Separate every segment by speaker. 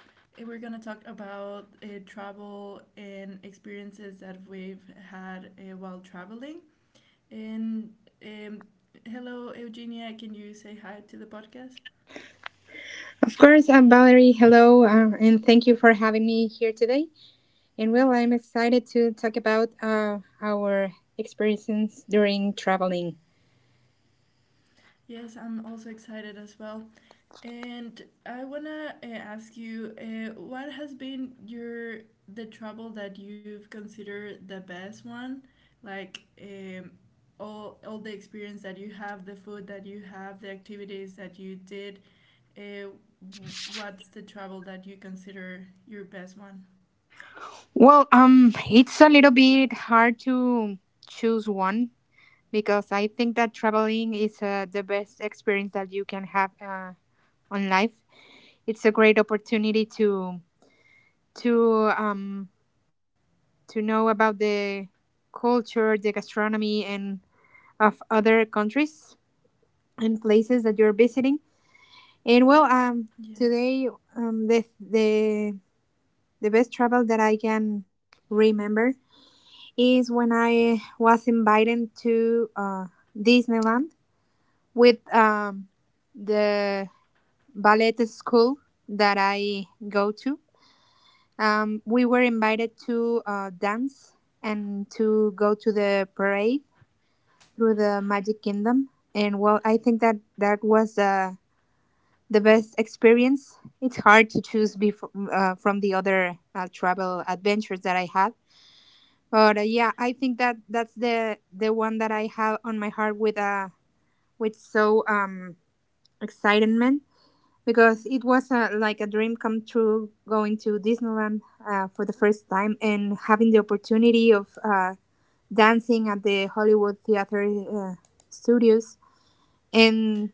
Speaker 1: And we're going to talk about travel and experiences that we've had while traveling. And um, Hello, Eugenia. Can you say hi to the podcast?
Speaker 2: Of course, I'm Valerie. Hello, and thank you for having me here today. And well, I'm excited to talk about our experiences during traveling.
Speaker 1: Yes, I'm also excited as well. And I wanna ask you, what has been your the travel that you've considered the best one? Like all the experience that you have, the food that you have, the activities that you did. Uh, what's the travel that you consider your best one?
Speaker 2: Well, it's a little bit hard to choose one because I think that traveling is the best experience that you can have on life. It's a great opportunity to um to know about the culture, the gastronomy, and of other countries and places that you're visiting. And well, um,
Speaker 1: Yes.
Speaker 2: today um, the the the best travel that I can remember is when I was invited to Disneyland with the ballet school that I go to. We were invited to dance and to go to the parade through the Magic Kingdom. And well, I think that that was the best experience. It's hard to choose before, from the other travel adventures that I had, but yeah, I think that that's the one that I have on my heart with so excitement because
Speaker 1: Mhm.
Speaker 2: it was like a dream come true, going to Disneyland for the first time and having the opportunity of dancing at the Hollywood Theater Studios and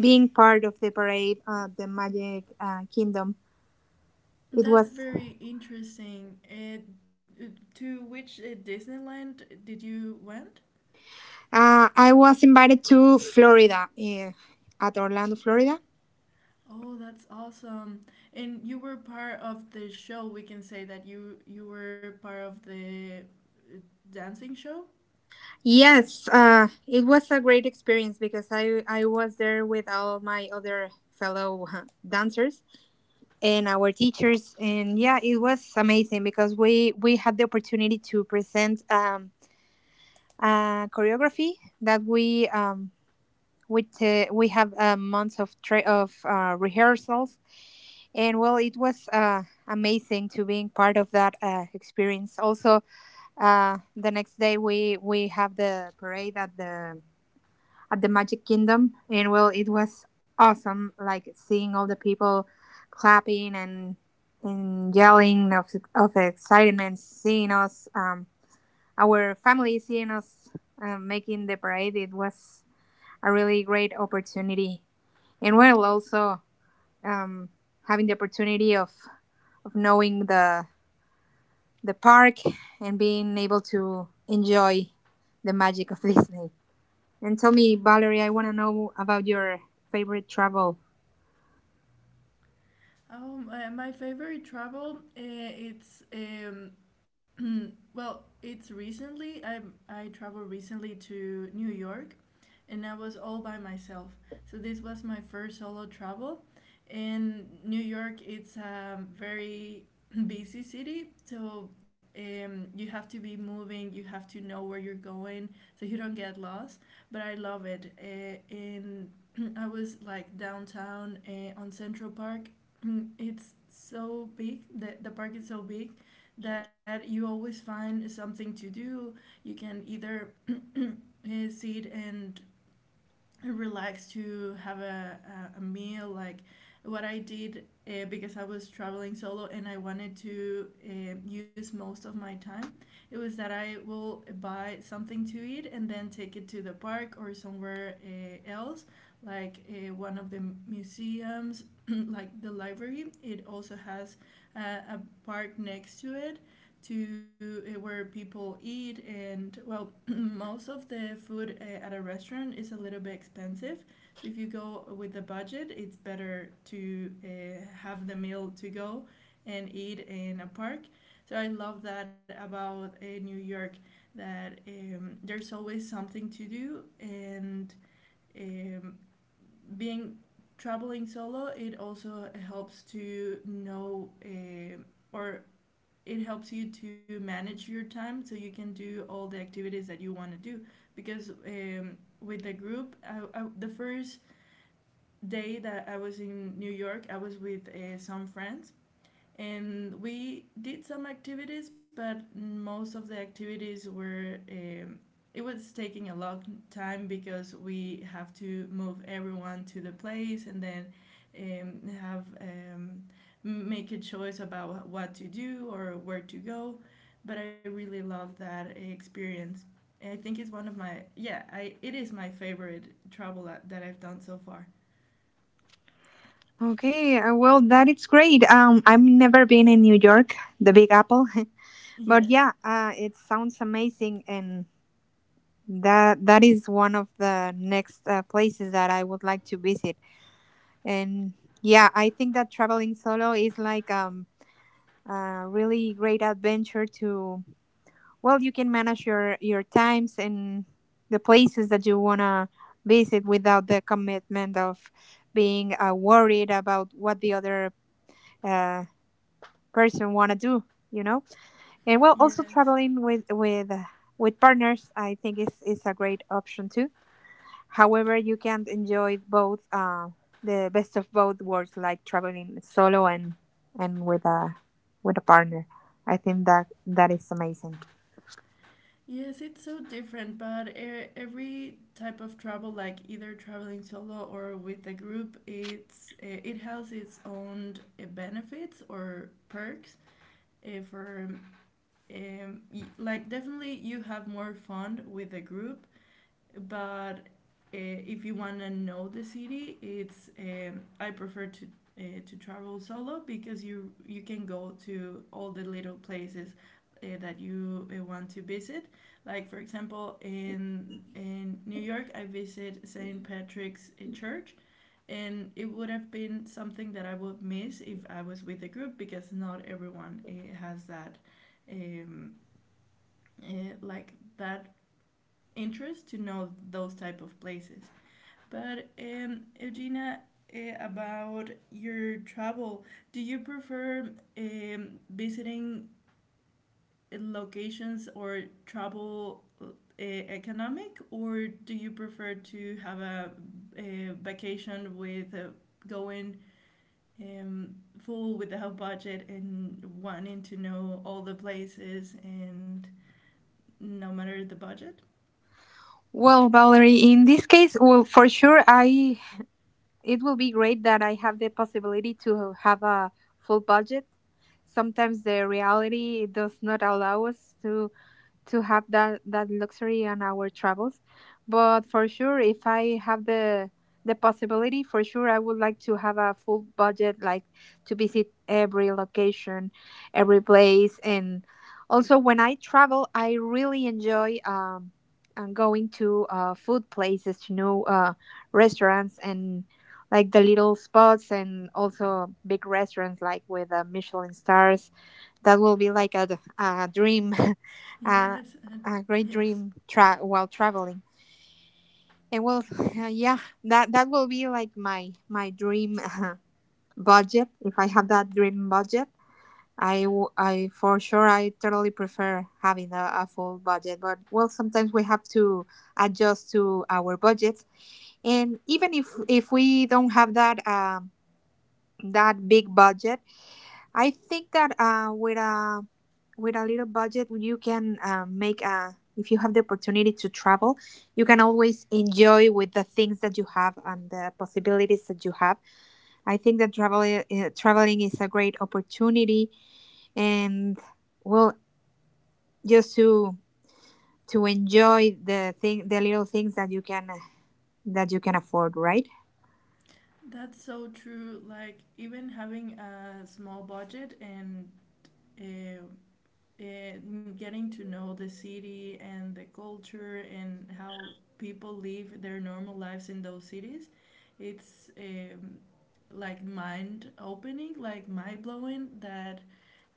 Speaker 2: being part of the parade of the Magic Kingdom. It
Speaker 1: That's
Speaker 2: was.
Speaker 1: very interesting. To which Disneyland did you went?
Speaker 2: I was invited to Florida, at Orlando, Florida.
Speaker 1: Oh, that's awesome. And you were part of the show. We can say that you were part of the uh, dancing show.
Speaker 2: Yes, it was a great experience because I was there with all my other fellow dancers and our teachers, and yeah, it was amazing because we had the opportunity to present a choreography that we have months of rehearsals, and well, it was amazing to being part of that experience. Also, the next day we have the parade at the Magic Kingdom, and well, it was awesome, like seeing all the people clapping and yelling of excitement, seeing us, our family seeing us making the parade. It was a really great opportunity, and well, also um, having the opportunity of knowing the park and being able to enjoy the magic of Disney. And tell me, Valerie, I want to know about your favorite travel.
Speaker 1: Oh, my favorite travel, it's well, it's recently. I traveled recently to New York, and I was all by myself. So this was my first solo travel. And New York, it's a very busy city, so you have to be moving, you have to know where you're going, so you don't get lost. But I love it. And I was like downtown on Central Park. It's so big, the park is so big that you always find something to do. You can either sit and relax to have a meal like what I did, because I was traveling solo and I wanted to use most of my time. It was that I will buy something to eat and then take it to the park or somewhere else, like one of the museums like the library. It also has a park next to it, to where people eat. And well, most of the food at a restaurant is a little bit expensive, so if you go with a budget it's better to have the meal to go and eat in a park. So I love that about New York, that there's always something to do. And um, being traveling solo, it also helps to know, or it helps you to manage your time so you can do all the activities that you want to do, because with the group, the first day that I was in New York I was with some friends, and we did some activities, but most of the activities were it was taking a long time because we have to move everyone to the place and then have make a choice about what to do or where to go. But I really love that experience. I think it's one of my yeah, it is my favorite travel that I've done so far.
Speaker 2: Okay, well, that is great. I've never been in New York, the Big Apple, but
Speaker 1: Yeah.
Speaker 2: yeah, it sounds amazing, and that that is one of the next places that I would like to visit. And yeah, I think that traveling solo is like really great adventure to, well, you can manage your times and the places that you want to visit without the commitment of being worried about what the other uh, person want to do, you know. And well, also
Speaker 1: Yes.
Speaker 2: traveling with partners, I think, is a great option too. However, you can enjoy both the best of both worlds, like traveling solo and with a partner. I think that that is amazing.
Speaker 1: Yes, it's so different, but every type of travel, like either traveling solo or with a group, it has its own, benefits or perks. eh, for like, definitely you have more fun with a group, but if you want to know the city, it's I prefer to travel solo, because you can go to all the little places that you want to visit. Like for example, in New York, I visit St. Patrick's Church, and it would have been something that I would miss if I was with a group, because not everyone has um, uh, that interest to know those type of places. But Eugenia, about your travel, do you prefer visiting locations, or travel economic, or do you prefer to have a vacation with going um, full with the whole budget and wanting to know all the places and no matter the budget?
Speaker 2: Well, Valerie, in this case, well, for sure, I, it will be great that I have the possibility to have a full budget. Sometimes the reality does not allow us to have that luxury on our travels, but for sure, if I have the possibility, for sure I would like to have a full budget, like to visit every location, every place. And also when I travel, I really enjoy and going to food places, to new restaurants and like the little spots and also big restaurants, like with Michelin stars. That will be like a dream, a,
Speaker 1: Yes, and
Speaker 2: a great
Speaker 1: yes.
Speaker 2: dream while traveling. And well, yeah, that that will be like my dream budget. If I have that dream budget, I, I, for sure, I totally prefer having a full budget, but well, sometimes we have to adjust to our budgets. And even if we don't have that that big budget, I think that with a little budget, you can make a, if you have the opportunity to travel, you can always enjoy with the things that you have and the possibilities that you have. I think that traveling is a great opportunity, and well, just to enjoy the thing the little things that you can, that you can afford, right?
Speaker 1: That's so true. Like, even having a small budget and uh, uh, getting to know the city and the culture and how people live their normal lives in those cities, it's like mind opening, like mind blowing that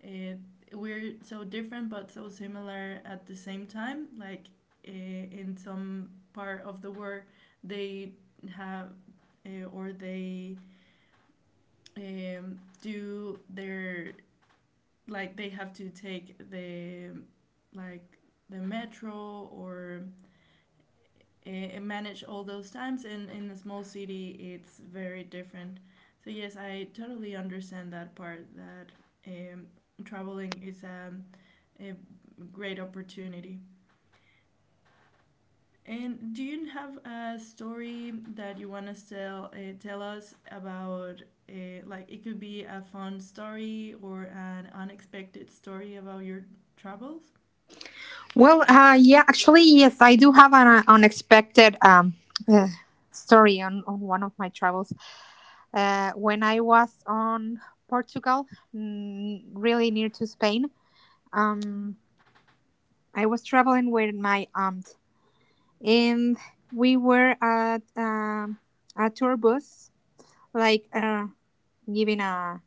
Speaker 1: uh, we're so different but so similar at the same time. Like in some part of the world, they have or they do their like they have to take like the metro, or manage all those times, and in a small city it's very different. So yes, I totally understand that part, that um, traveling is a great opportunity. And do you have a story that you want to tell us about? Like, it could be a fun story or an unexpected story about your travels.
Speaker 2: Well, yeah, actually, yes, I do have an unexpected uh, story on one of my travels. When I was on Portugal, mm, really near to Spain, um, I was traveling with my aunt, and we were at a tour bus, like giving a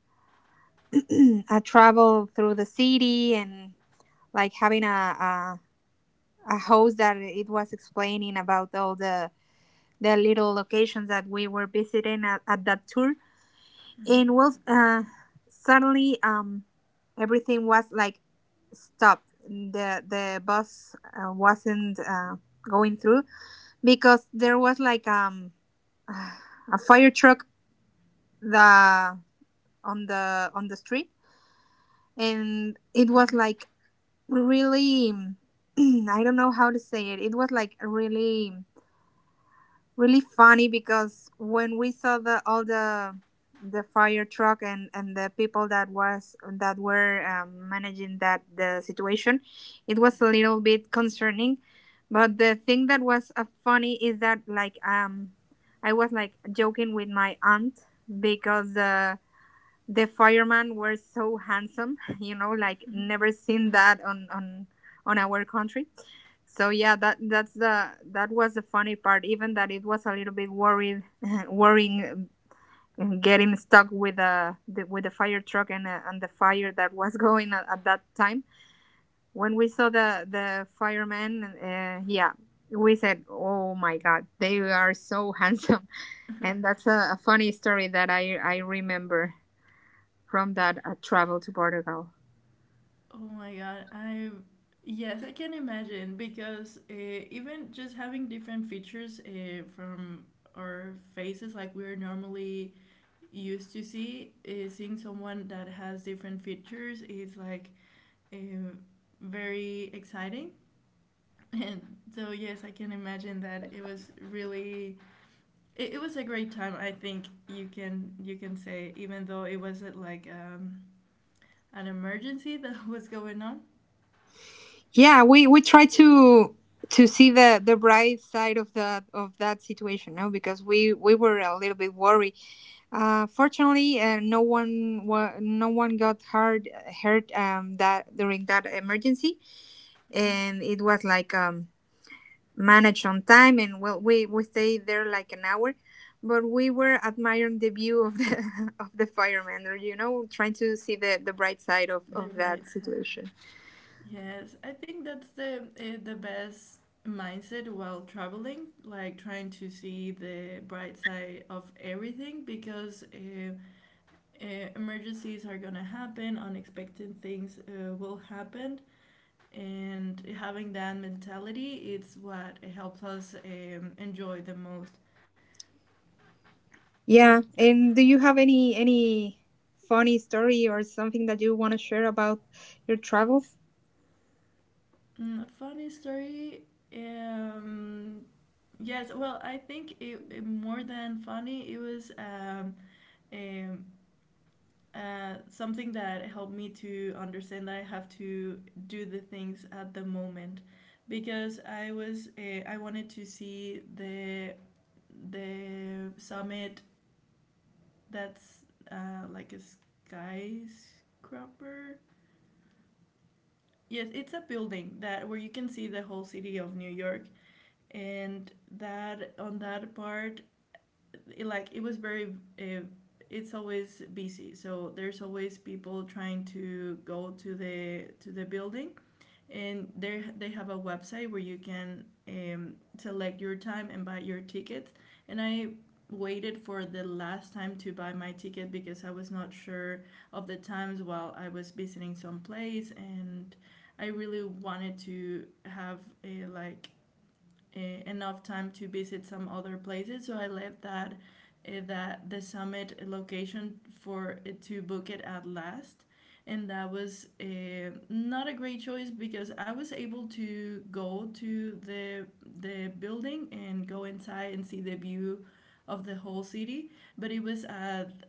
Speaker 2: a travel through the city and like having a host that it was explaining about all the little locations that we were visiting at that tour.
Speaker 1: Mm-hmm.
Speaker 2: And well, suddenly, everything was like stopped. The bus wasn't going through because there was like a fire truck, the on the on the street, and it was
Speaker 1: Mm-hmm.
Speaker 2: like really I don't know how to say it. It was like really really funny, because when we saw the all the fire truck and the people that was that were managing that the situation, it was a little bit concerning. But the thing that was funny is that, like, I was like joking with my aunt because the firemen were so handsome, you know, like
Speaker 1: Mm-hmm.
Speaker 2: never seen that on our country. So yeah, that that's the, that was the funny part. Even that it was a little bit worried, worrying, getting stuck with with the fire truck and the fire that was going at that time. When we saw the firemen, yeah, we said, oh my god, they are so handsome. And that's a funny story that I remember from that travel to Portugal.
Speaker 1: Oh my god! I yes, I can imagine, because even just having different features from our faces, like, we're normally used to seeing someone that has different features is like um, very exciting. And so, yes, I can imagine that it was really. It was a great time, I think, you can say, even though it wasn't like an emergency that was going on.
Speaker 2: Yeah, we try to see the bright side of that situation, no, because we were a little bit worried. Uh, fortunately, no one no one got hurt, that during that emergency.
Speaker 1: Mhm.
Speaker 2: And it was like managed on time, and well, we stayed there like an hour, but we were admiring the view of the of the firemen, or you know, trying to see the bright side of
Speaker 1: They're
Speaker 2: that
Speaker 1: right.
Speaker 2: situation.
Speaker 1: Yes, I think that's the best mindset while traveling, like trying to see the bright side of everything, because emergencies are gonna happen, unexpected things will happen, and having that mentality, it's what helps us enjoy the most. so
Speaker 2: Yeah,
Speaker 1: the
Speaker 2: and do you have any funny story or something that you want to share about your travels?
Speaker 1: funny story. um, yes, well, I think it more than funny. It was um, something that helped me to understand that I have to do the things at the moment, because I was I wanted to see the summit. That's like a skyscraper. Yes, it's a building that, where you can see the whole city of New York. And that on that part, it was very. It's always busy, so there's always people trying to go to the building, and there they have a website where you can select your time and buy your ticket. And I waited for the last time to buy my ticket, because I was not sure of the times while I was visiting some place, and I really wanted to have a like uh, enough time to visit some other places, so I left that that the summit location for to book it at last. And that was not a great choice, because I was able to go to the building and go inside and see the view of the whole city, but it was at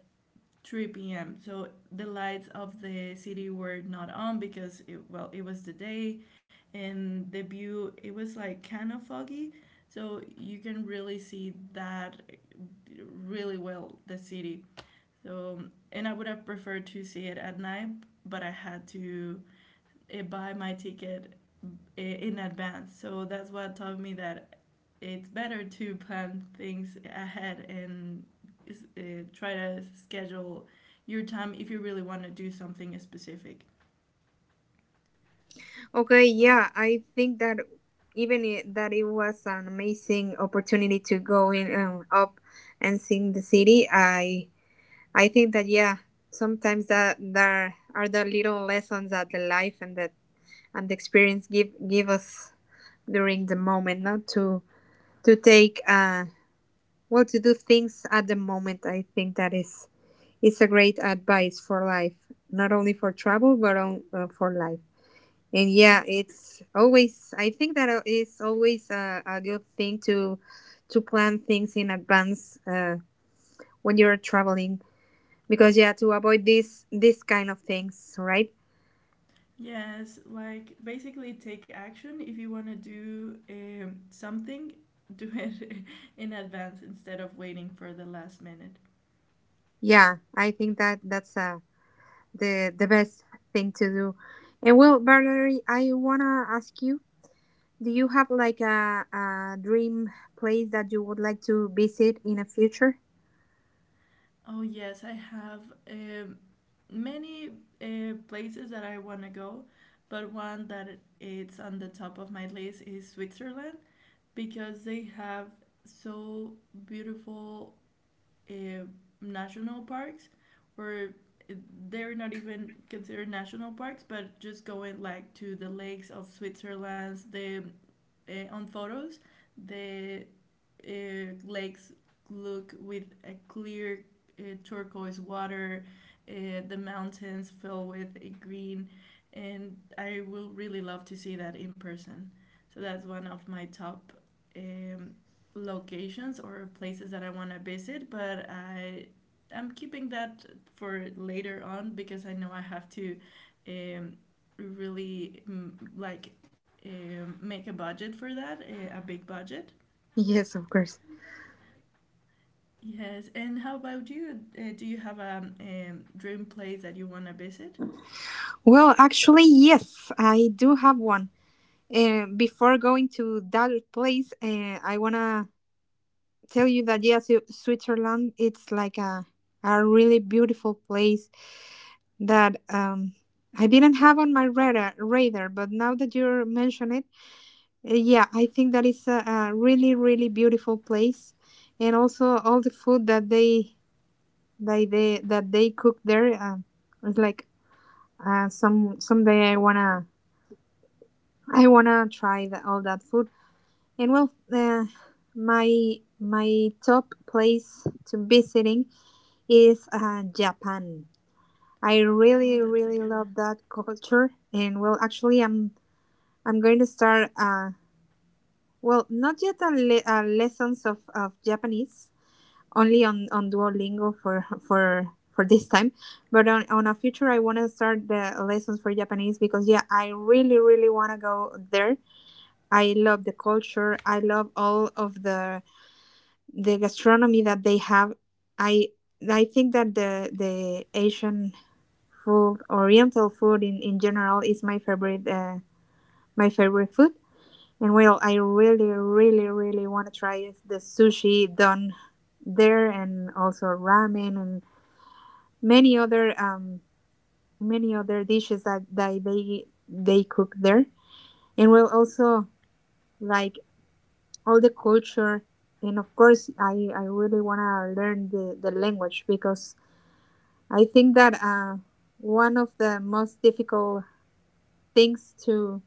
Speaker 1: 3 p.m. So the lights of the city were not on, because well, it was the day, and the view, it was like kind of foggy, so you can really see that really well the city. So, and I would have preferred to see it at night, but I had to buy my ticket in advance. So that's what taught me that it's better to plan things ahead and try to schedule your time if you really want to do something specific.
Speaker 2: Okay, yeah, I think that, even it, that it was an amazing opportunity to go in and up and see the city. I think that yeah, sometimes that there are the little lessons that the life and the experience give us during the moment, not to to take well, to do things at the moment. I think that is a great advice for life, not only for travel, but on, for life. And yeah, it's always, I think that it's always a good thing to plan things in advance when you're traveling, because yeah, to avoid this this kind of things, right?
Speaker 1: Yes, like, basically take action. If you want to do something, do it in advance instead of waiting for the last minute.
Speaker 2: Yeah, I think that that's the best thing to do. And well, Valerie, I wanna ask you, do you have like a dream place that you would like to visit in the future?
Speaker 1: Oh yes, I have um, many places that I want to go, but one that it's on the top of my list is Switzerland, because they have so beautiful uh, national parks. Where they're not even considered national parks, but just going like to the lakes of Switzerland, the on photos, the lakes look with a clear turquoise water, the mountains fill with a green, and I will really love to see that in person. So that's one of my top um, locations or places that I want to visit, but I'm keeping that for later on, because I know I have to um, really, like, make a budget for that, a big budget.
Speaker 2: Yes, of course.
Speaker 1: Yes, and how about you? Do you have a dream place that you want to visit?
Speaker 2: Well, actually, yes, I do have one. Before going to that place, I wanna tell you that yes, Switzerland it's like a really beautiful place that I didn't have on my radar, but now that you mention it, yeah, I think that is a really, really beautiful place, and also all the food that they that they that they cook there is like some someday I wanna, I wanna try the, all that food. And well, my my top place to visiting is Japan. I
Speaker 1: Oh,
Speaker 2: really,
Speaker 1: that's a
Speaker 2: really
Speaker 1: good one.
Speaker 2: love that culture, and well, actually, I'm going to start. Well, not yet a lessons of Japanese, only on Duolingo for for this time, but on a future, I want to start the lessons for Japanese, because yeah, I really really want to go there. I love the culture. I love all of the gastronomy that they have. I I think that the Asian food, Oriental food in general, is my favorite, my favorite food. And well, I really really really want to try is the sushi done there, and also ramen and many other um many other dishes that they cook there. And well, also like all the culture. And of course, I really want to learn the language because I think that one of the most difficult things to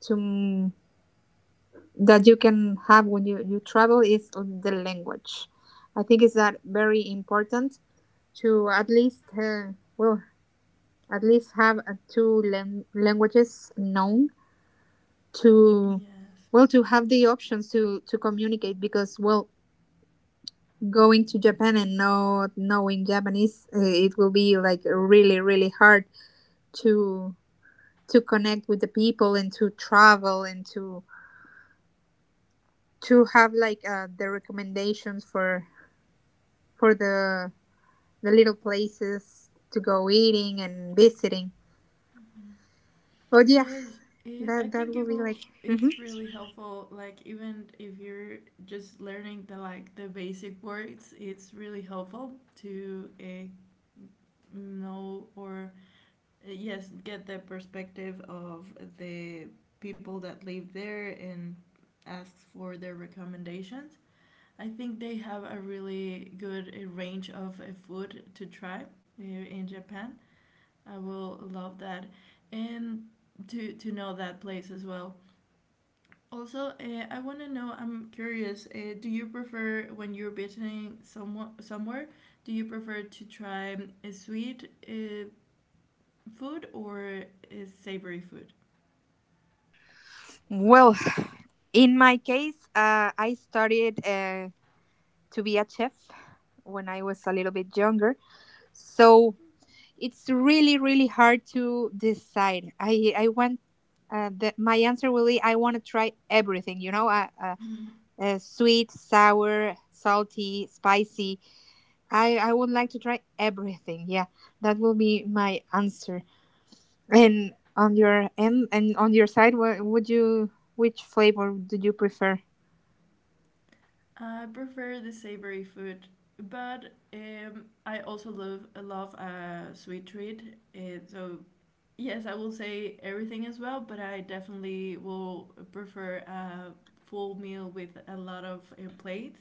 Speaker 2: to m- that you can have when you travel is the language. I think is that very important to at least well, at least have two languages known to
Speaker 1: Yes.
Speaker 2: well, to have the options to communicate because, well, going to Japan and not knowing Japanese, it will be like really really hard to connect with the people, and to travel, and to have like the recommendations for for the the little places to go eating and visiting.
Speaker 1: Mhm.
Speaker 2: But yeah,
Speaker 1: Yes, I
Speaker 2: that
Speaker 1: think
Speaker 2: will
Speaker 1: it
Speaker 2: be
Speaker 1: will.
Speaker 2: like. Mhm.
Speaker 1: It's really helpful. Like even if you're just learning the basic words, it's really helpful to know, or yes, get the perspective of the people that live there and ask for their recommendations. I think they have a really good range of food to try in Japan. I will love that, and to know that place as well. Also, I want to know, I'm curious, do you prefer, when you're visiting someone somewhere, do you prefer to try a sweet food, or a savory food?
Speaker 2: Well, in my case, I studied to be a chef when I was a little bit younger. So it's really, really hard to decide. I want my answer will be I want to try everything, you know, uh, uh,
Speaker 1: Mm.
Speaker 2: uh, sweet, sour, salty, spicy. I would like to try everything. Yeah, that will be my answer. And on your end and on your side, which flavor did you prefer?
Speaker 1: I prefer the savory food, but I also love a sweet treat. So yes, I will say everything as well, but I definitely will prefer a full meal with a lot of plates,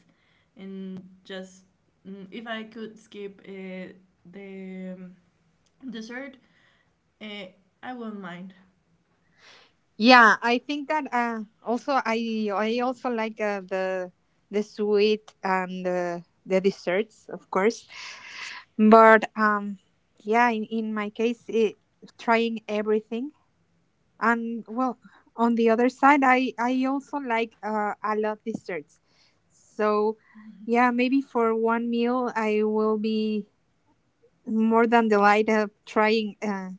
Speaker 1: and just, if I could skip the dessert, uh, I won't mind.
Speaker 2: Yeah, I think that also I also like the sweet and the desserts, of course. But yeah, in my case, trying everything. And well, on the other side, I also like a lot desserts. So yeah, maybe for one meal, I will be more than delighted trying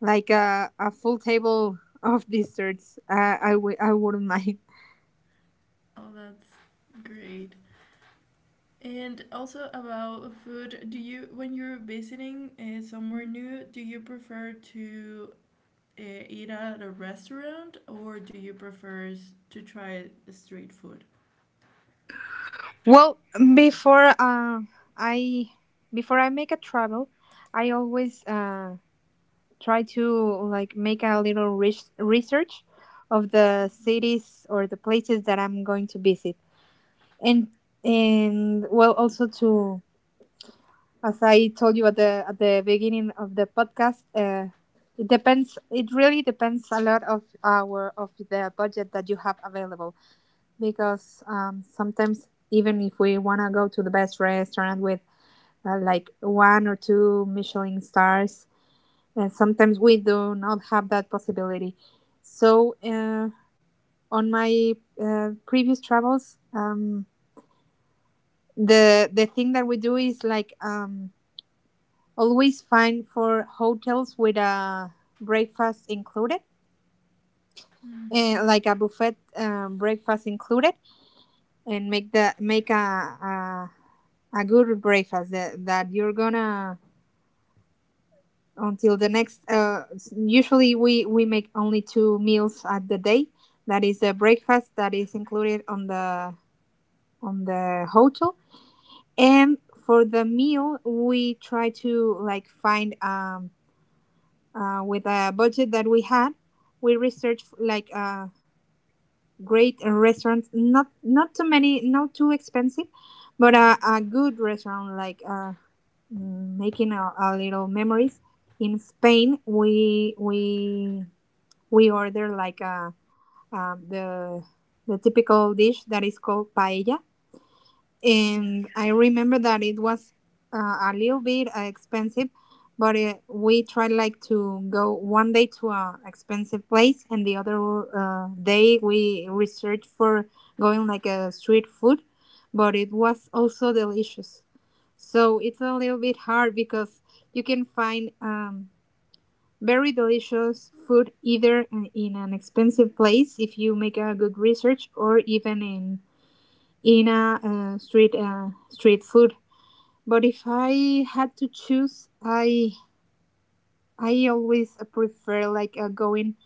Speaker 2: like a full table of desserts. I wouldn't mind.
Speaker 1: Oh, that's great. And also about food, do you when you're visiting somewhere new, do you prefer to uh, eat at a restaurant, or do you prefer to try street food?
Speaker 2: Well, before uh, I before I make a travel, I always try to like make a little research of the
Speaker 1: Mm-hmm.
Speaker 2: cities or the places that I'm going to visit, and well, also to as I told you at the beginning of the podcast, it depends. It really depends a lot of the budget that you have available because sometimes even if we want to go to the best restaurant with, like, one or two Michelin stars. And sometimes we do not have that possibility. So on my previous travels, the thing that we do is like, always find for hotels with a breakfast included,
Speaker 1: Mm-hmm.
Speaker 2: and like a buffet, breakfast included, and make the make a good breakfast that you're gonna until the next, usually we make only two meals at the day, that is the breakfast that is included on the hotel. And for the meal we try to like find with a budget that we had. We research like great restaurants, not too many, not too expensive, but
Speaker 1: Mm-hmm.
Speaker 2: a good restaurant like making a little memories. In Spain, we order like a um, the the typical dish that is called paella, and
Speaker 1: Yes.
Speaker 2: I remember that it was a little bit expensive. But we tried like to go one day to a expensive place, and the other day we researched for going like a street food, but it was also delicious. So it's a little bit hard because you can find, very delicious food either in an expensive place if you make a good research, or even in a street food. But if I had to choose, I always prefer like going,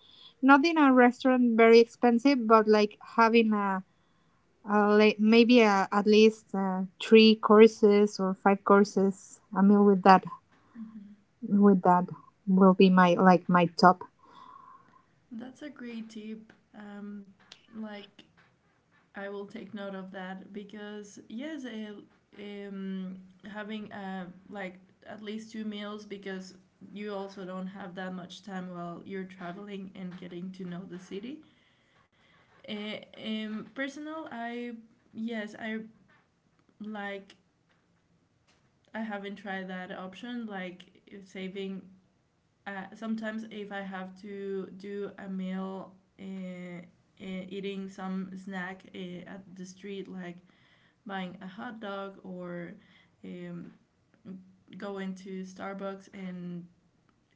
Speaker 2: not in a restaurant very expensive, but like having maybe at least three courses or five courses. A meal with that
Speaker 1: Mm-hmm.
Speaker 2: with that will be my top.
Speaker 1: That's a great tip. Like, I will take note of that, because yes, um, having like at least two meals, because you also don't have that much time while you're traveling and getting to know the city. Uh, Personal, I yes, like I haven't tried that option, like, saving. Sometimes if I have to do a meal, Uh, eating some snack at the street, like buying a hot dog, or um, going to Starbucks and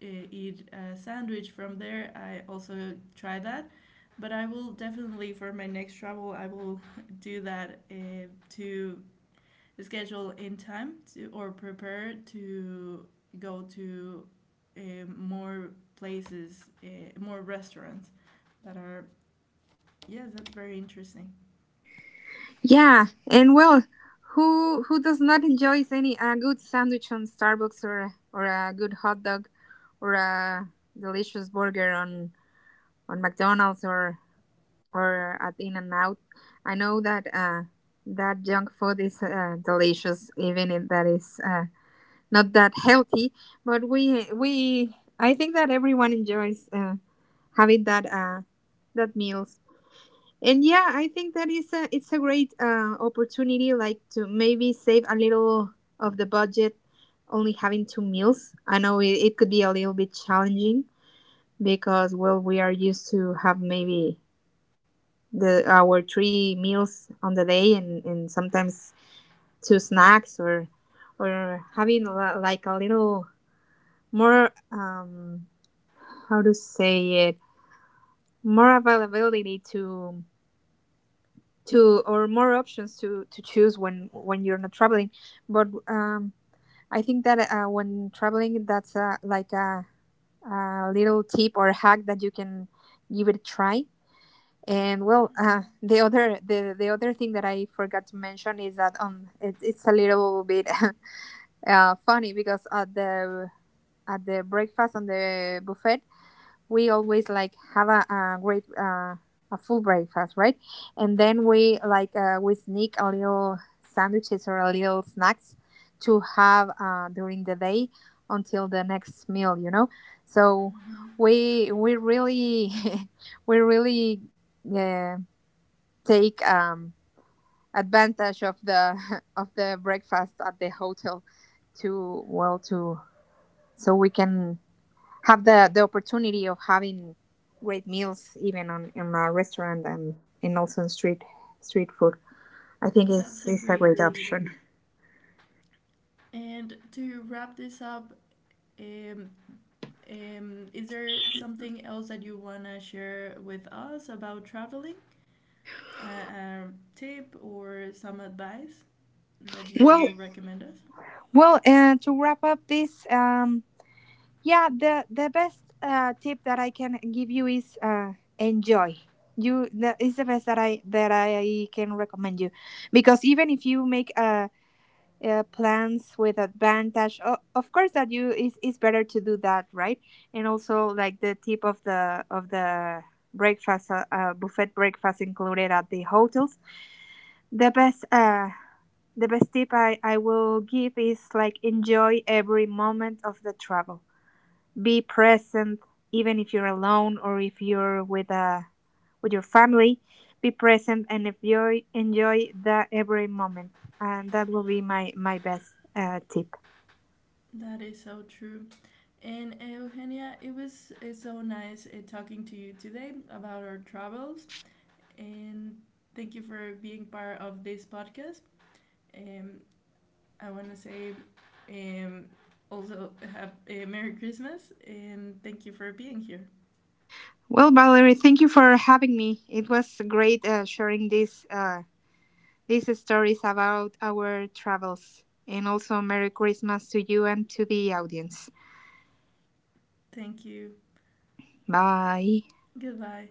Speaker 1: eat a sandwich from there. I also try that, but I will definitely, for my next travel, I will do that to schedule in time or prepare to go to uh, more places, more restaurants that are yeah, that's very interesting.
Speaker 2: Yeah, and well, who does not enjoy any a good sandwich on Starbucks, or a good hot dog, or a delicious burger on McDonald's, or at In and Out? I know that that junk food is delicious, even if that is not that healthy. But we I think that everyone enjoys having that that meals. And yeah, I think that is a it's a great opportunity, like to maybe save a little of the budget only having two meals. I know it could be a little bit challenging because, well, we are used to have maybe the our three meals on the day, and sometimes two snacks, or having like a little more, how to say it, more availability to or more options to choose when you're not traveling. But I think that when traveling, that's like a little tip or hack that you can give it a try. And well, the other thing that I forgot to mention is that, it's a little bit funny because at the breakfast on the buffet, we always like have a full breakfast, right? And then we sneak a little sandwiches or a little snacks to have, during the day, until the next meal. So
Speaker 1: Mm-hmm.
Speaker 2: we really we really uh, take advantage of the of the breakfast at the hotel, to well to so we can have the opportunity of having great meals, even on in a restaurant, and also in street food. I think
Speaker 1: That's
Speaker 2: it's
Speaker 1: a
Speaker 2: it's a
Speaker 1: great
Speaker 2: great
Speaker 1: tip.
Speaker 2: option.
Speaker 1: And to wrap this up, um, is there something else that you want to share with us about traveling? A tip or some advice that you
Speaker 2: Well,
Speaker 1: will recommend us?
Speaker 2: to wrap up this, yeah, the best tip that I can give you is, enjoy. You That is the best that I can recommend you, because even if you make a plans with advantage, of course, that you is it's better to do that, right? And also like the tip of the breakfast, buffet breakfast included at the hotels, the best uh the best tip I will give is like, enjoy every moment of the travel. Be present, even if you're alone or if you're with your family. Be present and enjoy, the every moment. And that will be my best tip.
Speaker 1: That is so true. And Eugenia, it's so nice talking to you today about our travels. And thank you for being part of this podcast. Um, I want to say, um, also have a Merry Christmas, and thank you for being here.
Speaker 2: Well, Valerie, thank you for having me. It was great sharing these stories about our travels, and also Merry Christmas to you and to the audience.
Speaker 1: Thank you.
Speaker 2: Bye.
Speaker 1: Goodbye.